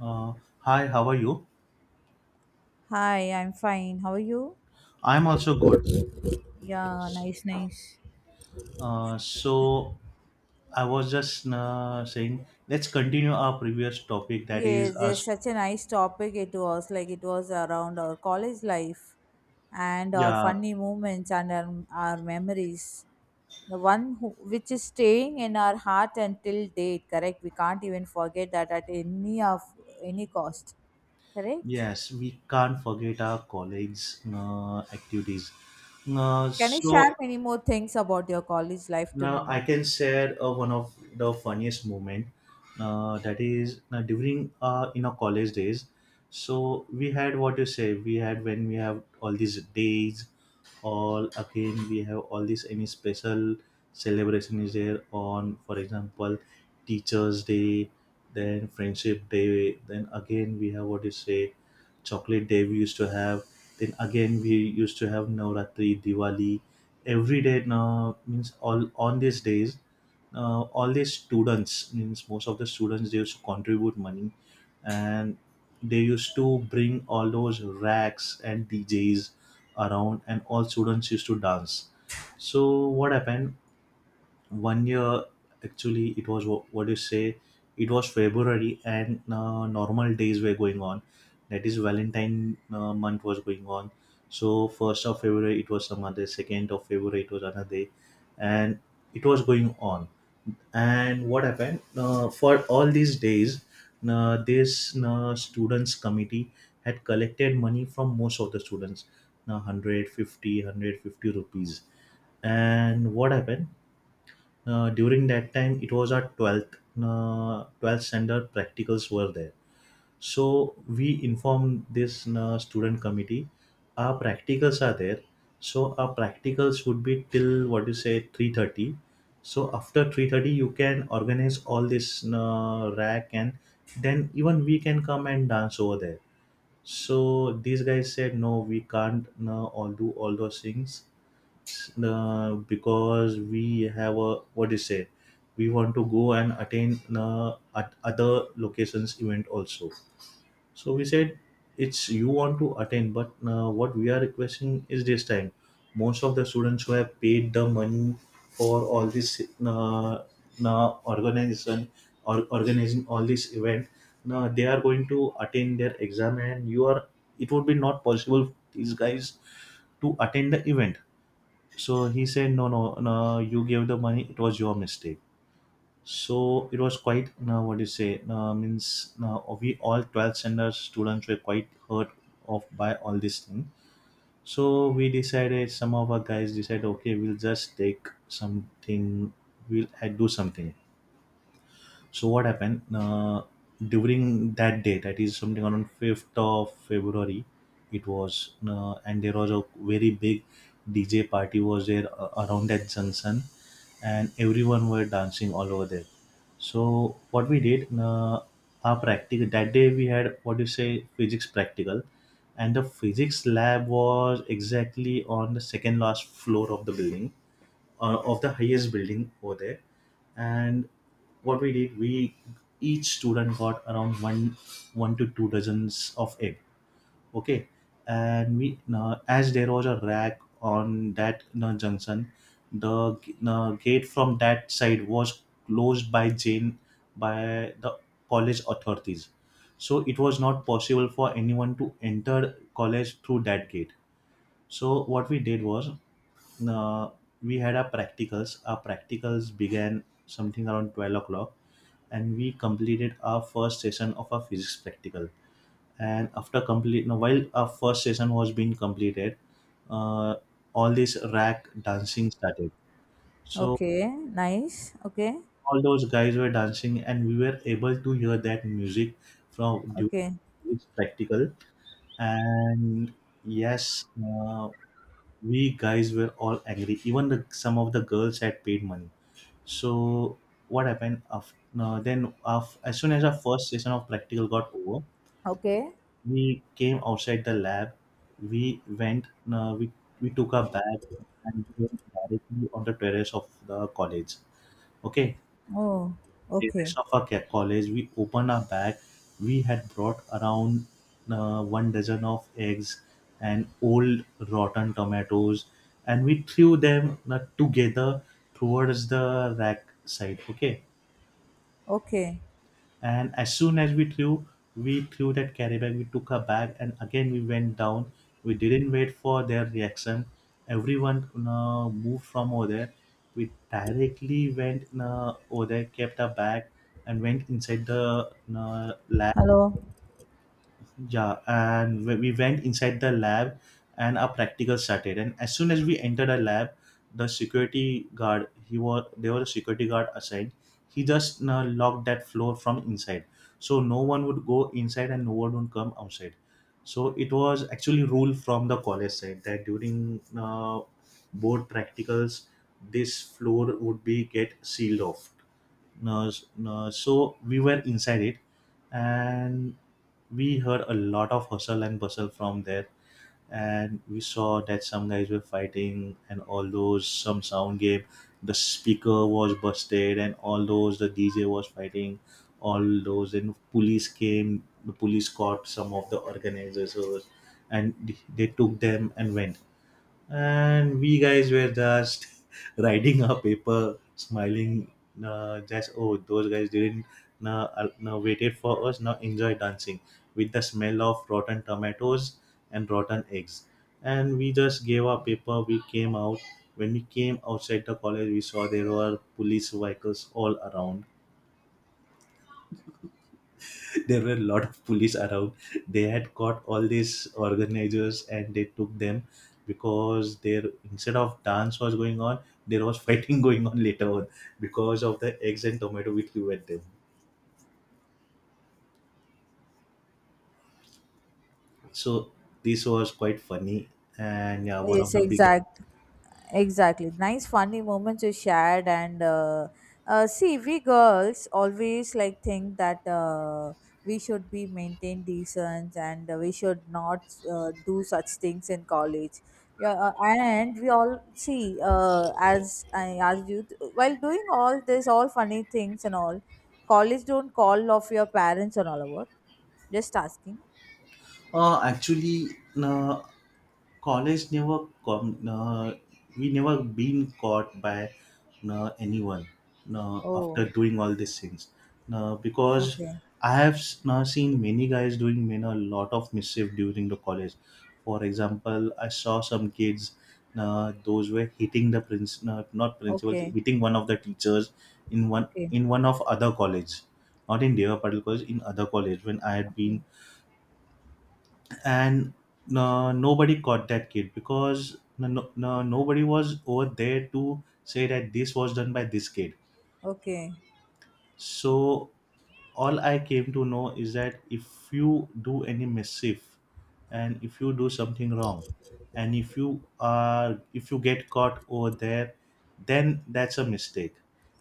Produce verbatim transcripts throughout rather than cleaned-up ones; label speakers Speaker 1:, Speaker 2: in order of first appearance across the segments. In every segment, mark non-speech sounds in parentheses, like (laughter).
Speaker 1: Uh, hi, how are you?
Speaker 2: Hi, I'm fine. How are you?
Speaker 1: I'm also good.
Speaker 2: Yeah, yeah, nice, nice.
Speaker 1: Uh, so I was just uh, saying, let's continue our previous topic. That is
Speaker 2: Yes, just
Speaker 1: us.
Speaker 2: such a nice topic it was. Like it was around our college life and our
Speaker 1: Yeah,
Speaker 2: funny moments and our, our memories. The one who, which is staying in our heart until date, correct? We can't even forget that at any of any cost, correct?
Speaker 1: yes, we can't forget our colleagues' uh, activities. Uh,
Speaker 2: Can you
Speaker 1: so
Speaker 2: share many more things about your college life to
Speaker 1: now
Speaker 2: me?
Speaker 1: I can share uh, one of the funniest moment. Uh, that is uh, during uh, in our college days. So we had what you say. We had when we have all these days, all again we have all these any special celebration is there on, for example, Teachers Day, then Friendship Day, then again we have what you say, Chocolate Day. We used to have. Then again we used to have Navratri, Diwali every day now means all on these days uh, all these students means most of the students they used to contribute money and they used to bring all those racks and djs around and all students used to dance. So what happened one year? Actually, it was wha- what do you say, it was february and uh, normal days were going on. That is valentine uh, month was going on. So first of february it was some other, second of february it was another day, and it was going on. And what happened, uh, for all these days uh, this uh, students committee had collected money from most of the students, uh, one hundred fifty rupees. And what happened, uh, during that time, it was our twelfth, uh, twelfth standard practicals were there. So we informed this uh, student committee, our practicals are there. So our practicals would be till what you say three thirty. So after three thirty, you can organize all this uh, rack and then even we can come and dance over there. So these guys said, no, we can't uh, all do all those things uh, because we have a what do you say, we want to go and attain uh, at other locations event also. So we said it's you want to attain, but uh, what we are requesting is this time most of the students who have paid the money for all this uh, uh, organization or organizing all this event, now they are going to attain their exam and you are, it would be not possible for these guys to attend the event. So he said, no, no, no, you gave the money. It was your mistake. So it was quite, now what do you say, uh, means now we all twelfth standard students were quite hurt off by all this thing. So we decided, some of our guys decided, okay, we'll just take something, we'll uh, do something. So what happened, uh, during that day? That is something around fifth of February. It was uh, and there was a very big D J party was there uh, around that junction, and everyone were dancing all over there. So what we did, uh, our practical that day we had what do you say physics practical, and the physics lab was exactly on the second last floor of the building uh, of the highest building over there. And what we did, we each student got around one, one to two dozens of egg. Okay. And we now as there was a rack on that you junction, the uh, gate from that side was closed by jane by the college authorities. So it was not possible for anyone to enter college through that gate. So what we did was, uh, we had our practicals. Our practicals began something around twelve o'clock and we completed our first session of our physics practical. And after complete, now while our first session was being completed, uh, all this rack dancing started. So
Speaker 2: Okay, nice. Okay,
Speaker 1: all those guys were dancing, and we were able to hear that music from during
Speaker 2: okay,
Speaker 1: this practical. And yes, uh, we guys were all angry, even the, some of the girls had paid money. So what happened after no, then af as soon as our first session of practical got over,
Speaker 2: okay.
Speaker 1: we came outside the lab. We went no, we, we took our bag and we went directly on the terrace of the college. Okay,
Speaker 2: Oh,
Speaker 1: the
Speaker 2: okay.
Speaker 1: rest of our ca- college, we opened our bag. We had brought around uh, one dozen of eggs and old rotten tomatoes, and we threw them uh, together towards the rack side. Okay,
Speaker 2: Okay.
Speaker 1: and as soon as we threw, we threw that carry bag, we took her bag, and again we went down. We didn't wait for their reaction. Everyone uh, moved from over there. We directly went uh, over there, kept our bag, and went inside the uh, lab.
Speaker 2: Hello.
Speaker 1: Yeah, and we we went inside the lab and our practical started. And as soon as we entered the lab, the security guard, he was, there was a security guard assigned, he just uh, locked that floor from inside, so no one would go inside and no one would come outside. So it was actually rule from the college side that during uh, board practicals this floor would be get sealed off. No, s- no, so we were inside it. And we heard a lot of hustle and bustle from there, and we saw that some guys were fighting and all those some sound game, the speaker was busted and all those, the dj was fighting, all those, and police came, the police caught some of the organizers and they took them and went. And we guys were just (laughs) writing our paper smiling. Uh, just oh, those guys didn't uh, uh, no, waited for us now enjoy dancing with the smell of rotten tomatoes and rotten eggs. And we just gave our paper, we came out. When we came outside the college, we saw there were police vehicles all around. There were a lot of police around. They had caught all these organizers and they took them, because there instead of dance was going on, there was fighting (laughs) going on later on because of the eggs and tomato which we were them. So this was quite funny and yeah, one of
Speaker 2: Yes,
Speaker 1: the big.
Speaker 2: exact. Exactly. Nice funny moments you shared and uh, uh, see, we girls always like think that uh, we should be maintained decent and uh, we should not uh, do such things in college. Yeah, uh, and we all see, uh, as I asked you, while doing all this, all funny things and all, college don't call off your parents and all over. Just asking.
Speaker 1: Uh, actually, no, college never come. Uh, we never been caught by uh, anyone uh, after
Speaker 2: Oh,
Speaker 1: doing all these things. Uh, because
Speaker 2: okay.
Speaker 1: I have s- uh, seen many guys doing many a lot of mischief during the college. For example, I saw some kids. Uh, those were hitting the prince, uh, not principal,
Speaker 2: Okay.
Speaker 1: hitting one of the teachers in one
Speaker 2: Okay,
Speaker 1: in one of other college, not in Deva Patel college, in other college when I had been.
Speaker 2: okay,
Speaker 1: And no, nobody caught that kid because no, no, no- nobody was over there to say that this was done by this kid.
Speaker 2: okay.
Speaker 1: So all I came to know is that if you do any mischief and if you do something wrong and if you are, if you get caught over there, then that's a mistake.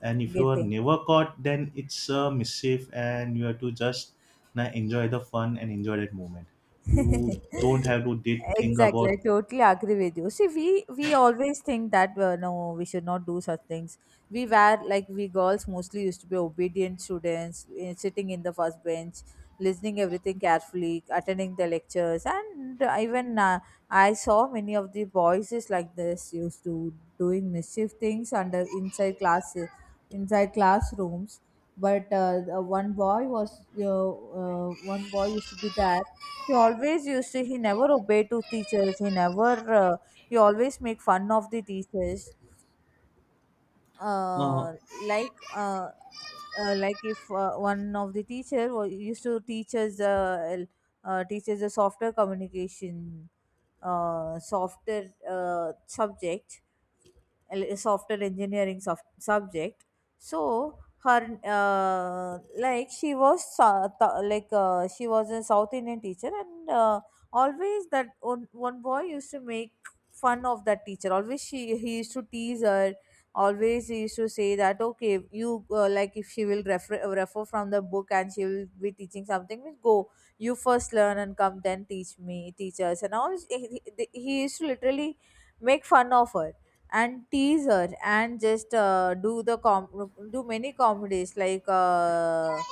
Speaker 1: And if you are
Speaker 2: Getting.
Speaker 1: never caught, then it's a mischief and you have to just na, enjoy the fun and enjoy that moment. You
Speaker 2: (laughs)
Speaker 1: don't have to did think
Speaker 2: Exactly,
Speaker 1: about
Speaker 2: I totally agree with you. See, we we always think that uh, no, we should not do such things. We were like, we girls mostly used to be obedient students, eh, sitting in the first bench, listening everything carefully, attending the lectures, and even uh, I saw many of the boys is like this used to doing mischief things under inside class, inside classrooms. But uh, the one boy was uh, uh, one boy used to be there. He always used to, he never obeyed to teachers. He never, uh, he always make fun of the teachers.
Speaker 1: uh,
Speaker 2: Uh, like, uh, uh, like if uh, one of the teacher wa- used to teach us, uh, uh, teach us a softer communication, uh, softer uh, subject, l- software engineering soft- subject. So her, uh, like she was so- th- like uh, she was a south Indian teacher, and uh, always that one, one boy used to make fun of that teacher. Always she, he used to tease her. Always he used to say that okay, you, uh, like if she will refer refer from the book and she will be teaching something means go, you first learn and come then teach me teachers and all. He, he he used to literally make fun of her and teaser, and just uh, do the com- do many comedies. Like, uh,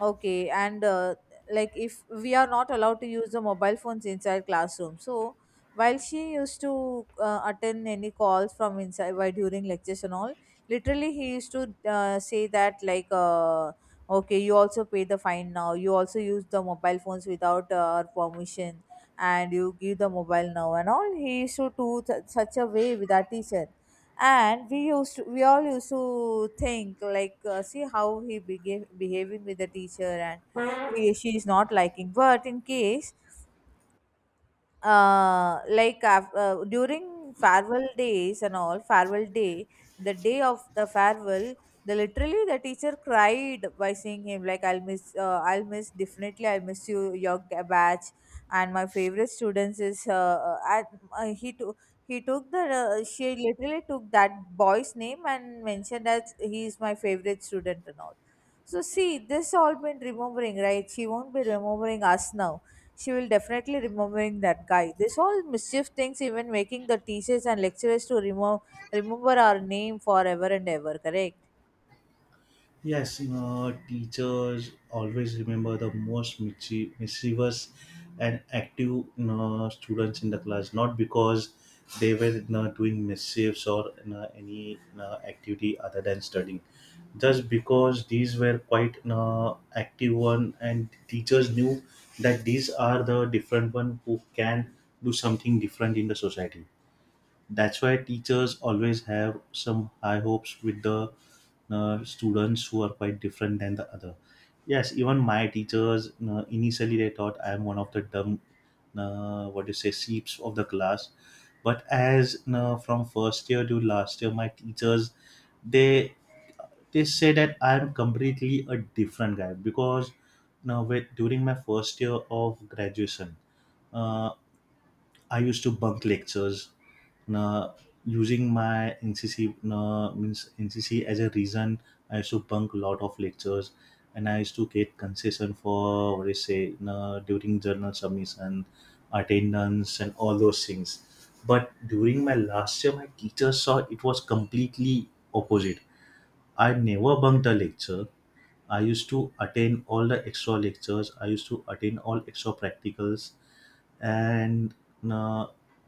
Speaker 2: okay, and uh, like if we are not allowed to use the mobile phones inside classroom, so while she used to uh, attend any calls from inside while during lectures and all, literally he used to uh, say that like, uh, okay, you also pay the fine now, you also use the mobile phones without uh, our permission, and you give the mobile now and all. He used to do th- such a way with our teacher. And we used to, we all used to think like, uh, see how he behave, behaving with the teacher, and he, she is not liking. But in case, uh, like af- uh, during farewell days and all, farewell day, the day of the farewell, the literally the teacher cried by saying him like, I'll miss, uh, I'll miss, definitely I'll miss you, your g- batch, and my favorite students is uh, uh, at, uh, he took, he took the uh, she literally took that boy's name and mentioned that he is my favorite student and all. So see, this all been remembering, right? She won't be remembering us now. She will definitely remembering that guy. This all mischief things even making the teachers and lecturers to remember remember our name forever and ever, correct?
Speaker 1: yes, you know, teachers always remember the most mischie- mischievous and active, you know, students in the class, not because they were, you know, doing mischiefs or, you know, any, you know, activity other than studying. Just because these were quite, you know, active one, and teachers knew that these are the different one who can do something different in the society. That's why teachers always have some high hopes with the uh, students who are quite different than the other. Yes, even my teachers uh, initially they thought I am one of the dumb, uh, what do you say, sheeps of the class. But as uh, from first year to last year, my teachers they they say that I am completely a different guy. Because now with during my first year of graduation, uh, I used to bunk lectures, na, using my N C C na, means N C C as a reason. I used to bunk a lot of lectures, and I used to get concession for what do you say na, during journal submission, attendance, and all those things. But during my last year, my teacher saw it was completely opposite. I never bunked a lecture. I used to attend all the extra lectures. I used to attend all extra practicals, and uh,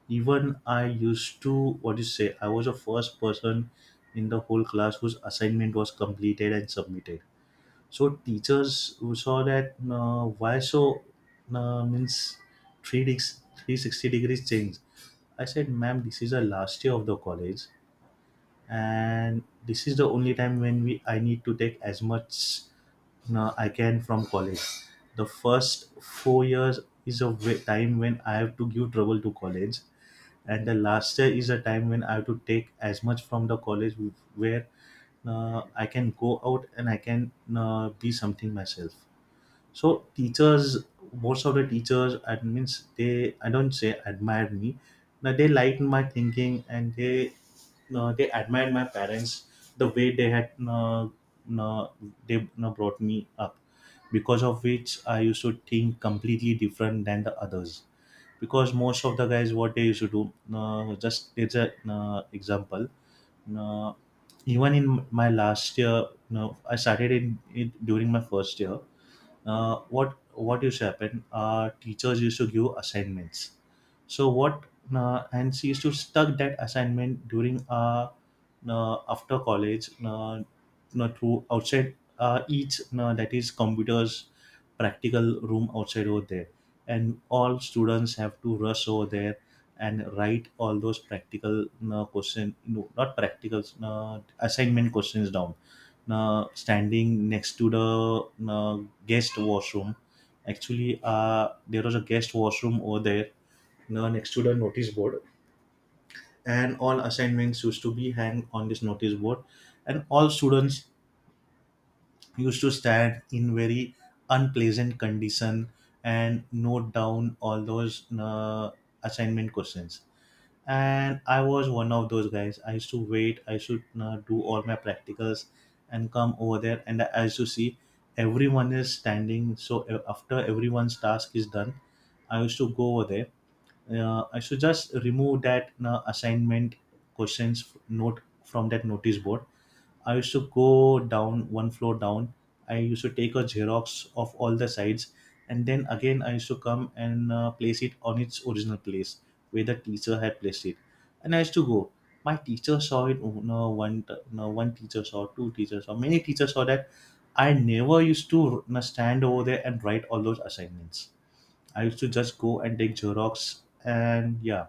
Speaker 1: even I used to what you say. I was the first person in the whole class whose assignment was completed and submitted. So teachers saw that uh, why so uh, means three deg- three hundred sixty degrees change. I said, ma'am, this is the last year of the college and this is the only time when we I need to take as much no, I can from college. The first four years is a wa- time when I have to give trouble to college, and the last year is a time when I have to take as much from the college where uh, I can go out and I can uh, be something myself. So teachers, most of the teachers, admins, they I don't say admired me, but they liked my thinking, and they no, they admired my parents, the way they had no, no, they no, brought me up, because of which I used to think completely different than the others. Because most of the guys, what they used to do, uh, just it's an uh, example. uh, Even in my last year, no, I started in it during my first year. uh, what what used to happen? Uh, teachers used to give assignments. So what, uh, and she used to stuck that assignment during uh, uh after college, uh, uh, through outside, uh, each, uh, that is computers practical room outside over there. And all students have to rush over there and write all those practical uh, question, no, not practicals, uh, assignment questions down, uh, standing next to the uh, guest washroom. Actually, uh, there was a guest washroom over there, uh, next to the notice board, and all assignments used to be hang on this notice board, and all students used to stand in very unpleasant condition and note down all those uh, assignment questions. And I was one of those guys. I used to wait. I should uh, do all my practicals and come over there, and I used to see everyone is standing, so uh, after everyone's task is done, I used to go over there. uh, I should just remove that uh, assignment questions note from that notice board. I used to go down one floor down. I used to take a Xerox of all the sides, and then again I used to come and uh, place it on its original place where the teacher had placed it. And I used to go. My teacher saw it. Oh, No one, t- no one teacher saw. Two teachers saw. Many teachers saw that. I never used to you stand over there and write all those assignments. I used to just go and take Xerox, and yeah,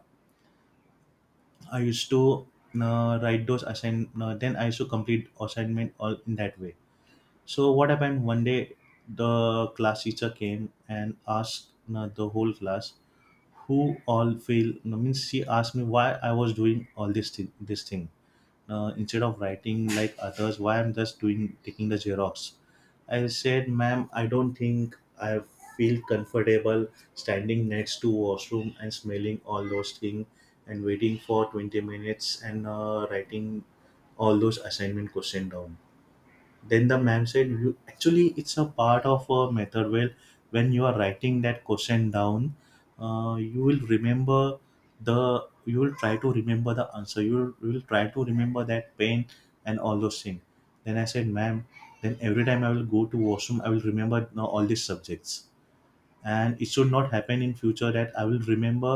Speaker 1: I used to uh, write those assign. Uh, then I used to complete assignment all in that way. So what happened one day? The class teacher came and asked uh, the whole class who all fail. I mean, she asked me why I was doing all this thing this thing, uh, instead of writing like others, why I'm just doing taking the Xerox. I said, ma'am, I don't think I feel comfortable standing next to washroom and smelling all those things and waiting for twenty minutes and uh, writing all those assignment question down. Then the ma'am said, you, actually, it's a part of a method. Well, when you are writing that question down, uh, you will remember the, you will try to remember the answer. You will, you will try to remember that pain and all those things. Then I said, ma'am, then every time I will go to washroom, I will remember now all these subjects, and it should not happen in future that I will remember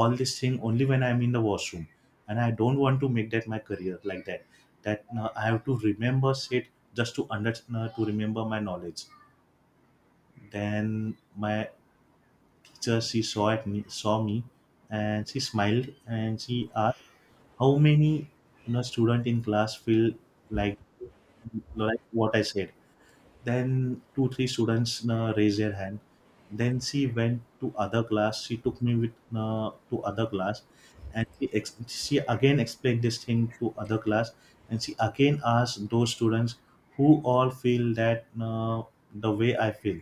Speaker 1: all this thing only when I'm in the washroom, and I don't want to make that my career like that, that uh, I have to remember shit just to under uh, to remember my knowledge. Then my teacher, she saw at me saw me, and she smiled, and she asked how many you know student in class feel like like what I said. Then two, three students uh, raise their hand. Then she went to other class. She took me with uh, to other class, and she ex- she again explained this thing to other class, and she again asked those students who all feel that, uh, the way I feel.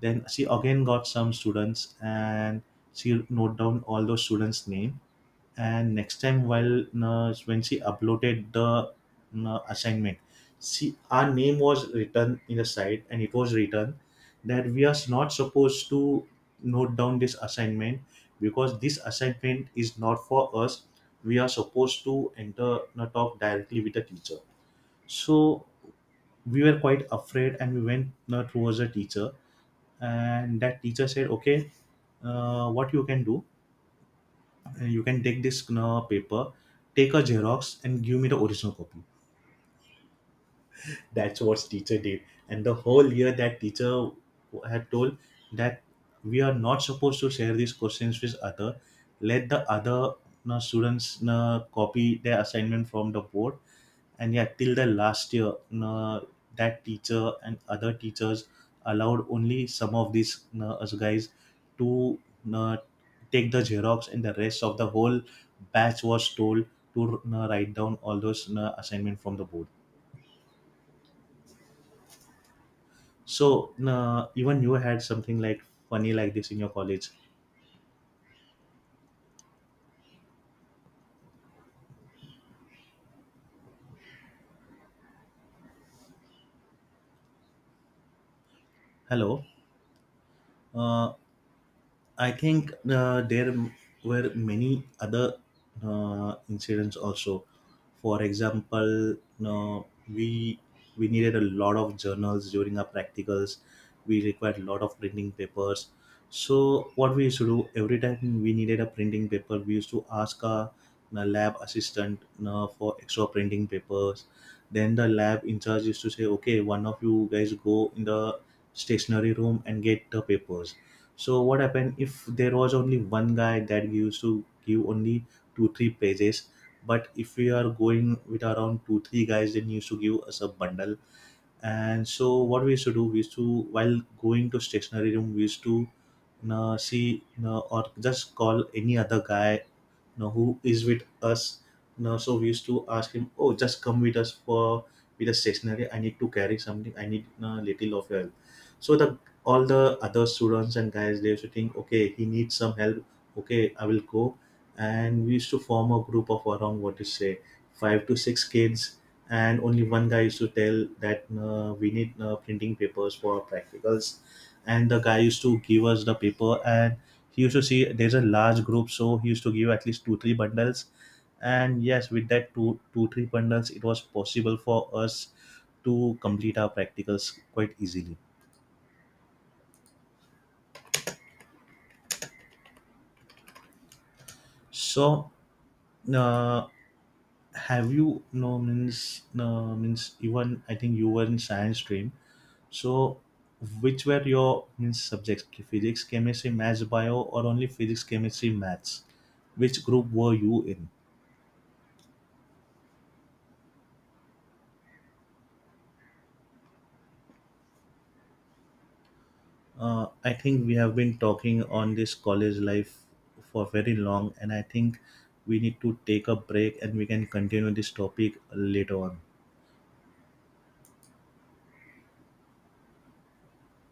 Speaker 1: Then she again got some students, and she wrote down all those students' name. And next time while uh, when she uploaded the uh, assignment, she our name was written in the site, and it was written that we are not supposed to note down this assignment, because this assignment is not for us. We are supposed to enter uh, talk directly with the teacher. So we were quite afraid, and we went uh, towards the teacher, and that teacher said, okay, uh, what you can do, and you can take this uh, paper, take a Xerox and give me the original copy. That's what teacher did. And the whole year that teacher had told that we are not supposed to share these questions with other. Let the other uh, students uh, copy their assignment from the board. And yeah, till the last year, you know, that teacher and other teachers allowed only some of these, you know, us guys, to you know, take the Xerox, and the rest of the whole batch was told to you know, write down all those you know, assignment from the board. So, you know, even you had something like funny like this in your college? Hello. uh, I think uh, there m- were many other uh, incidents also. For example, uh, we we needed a lot of journals during our practicals. We required a lot of printing papers. So what we used to do, every time we needed a printing paper, we used to ask our uh, lab assistant uh, for extra printing papers. Then the lab in charge used to say, "Okay, one of you guys go in the stationery room and get the papers." So what happened, if there was only one guy, that we used to give only two three pages. But if we are going with around two three guys, then you used to give us a bundle. And so what we used to do, we used to, while going to stationery room, we used to uh, see, uh, or just call any other guy, you know who is with us now. So we used to ask him, oh, just come with us for with a stationery, I need to carry something, I need a little of help. So the all the other students and guys, they used to think, okay, he needs some help, okay, I will go. And we used to form a group of around, what to say, five to six kids. And only one guy used to tell that uh, we need uh, printing papers for our practicals, and the guy used to give us the paper, and he used to see there's a large group, so he used to give at least two three bundles. And yes, with that two two three bundles, it was possible for us to complete our practicals quite easily. So uh, have you no means no means even, I think you were in science stream, so which were your means subjects? Physics, chemistry, maths, bio, or only physics, chemistry, maths? Which group were you in? uh, I think we have been talking on this college life for very long, and I think we need to take a break, and we can continue this topic later on.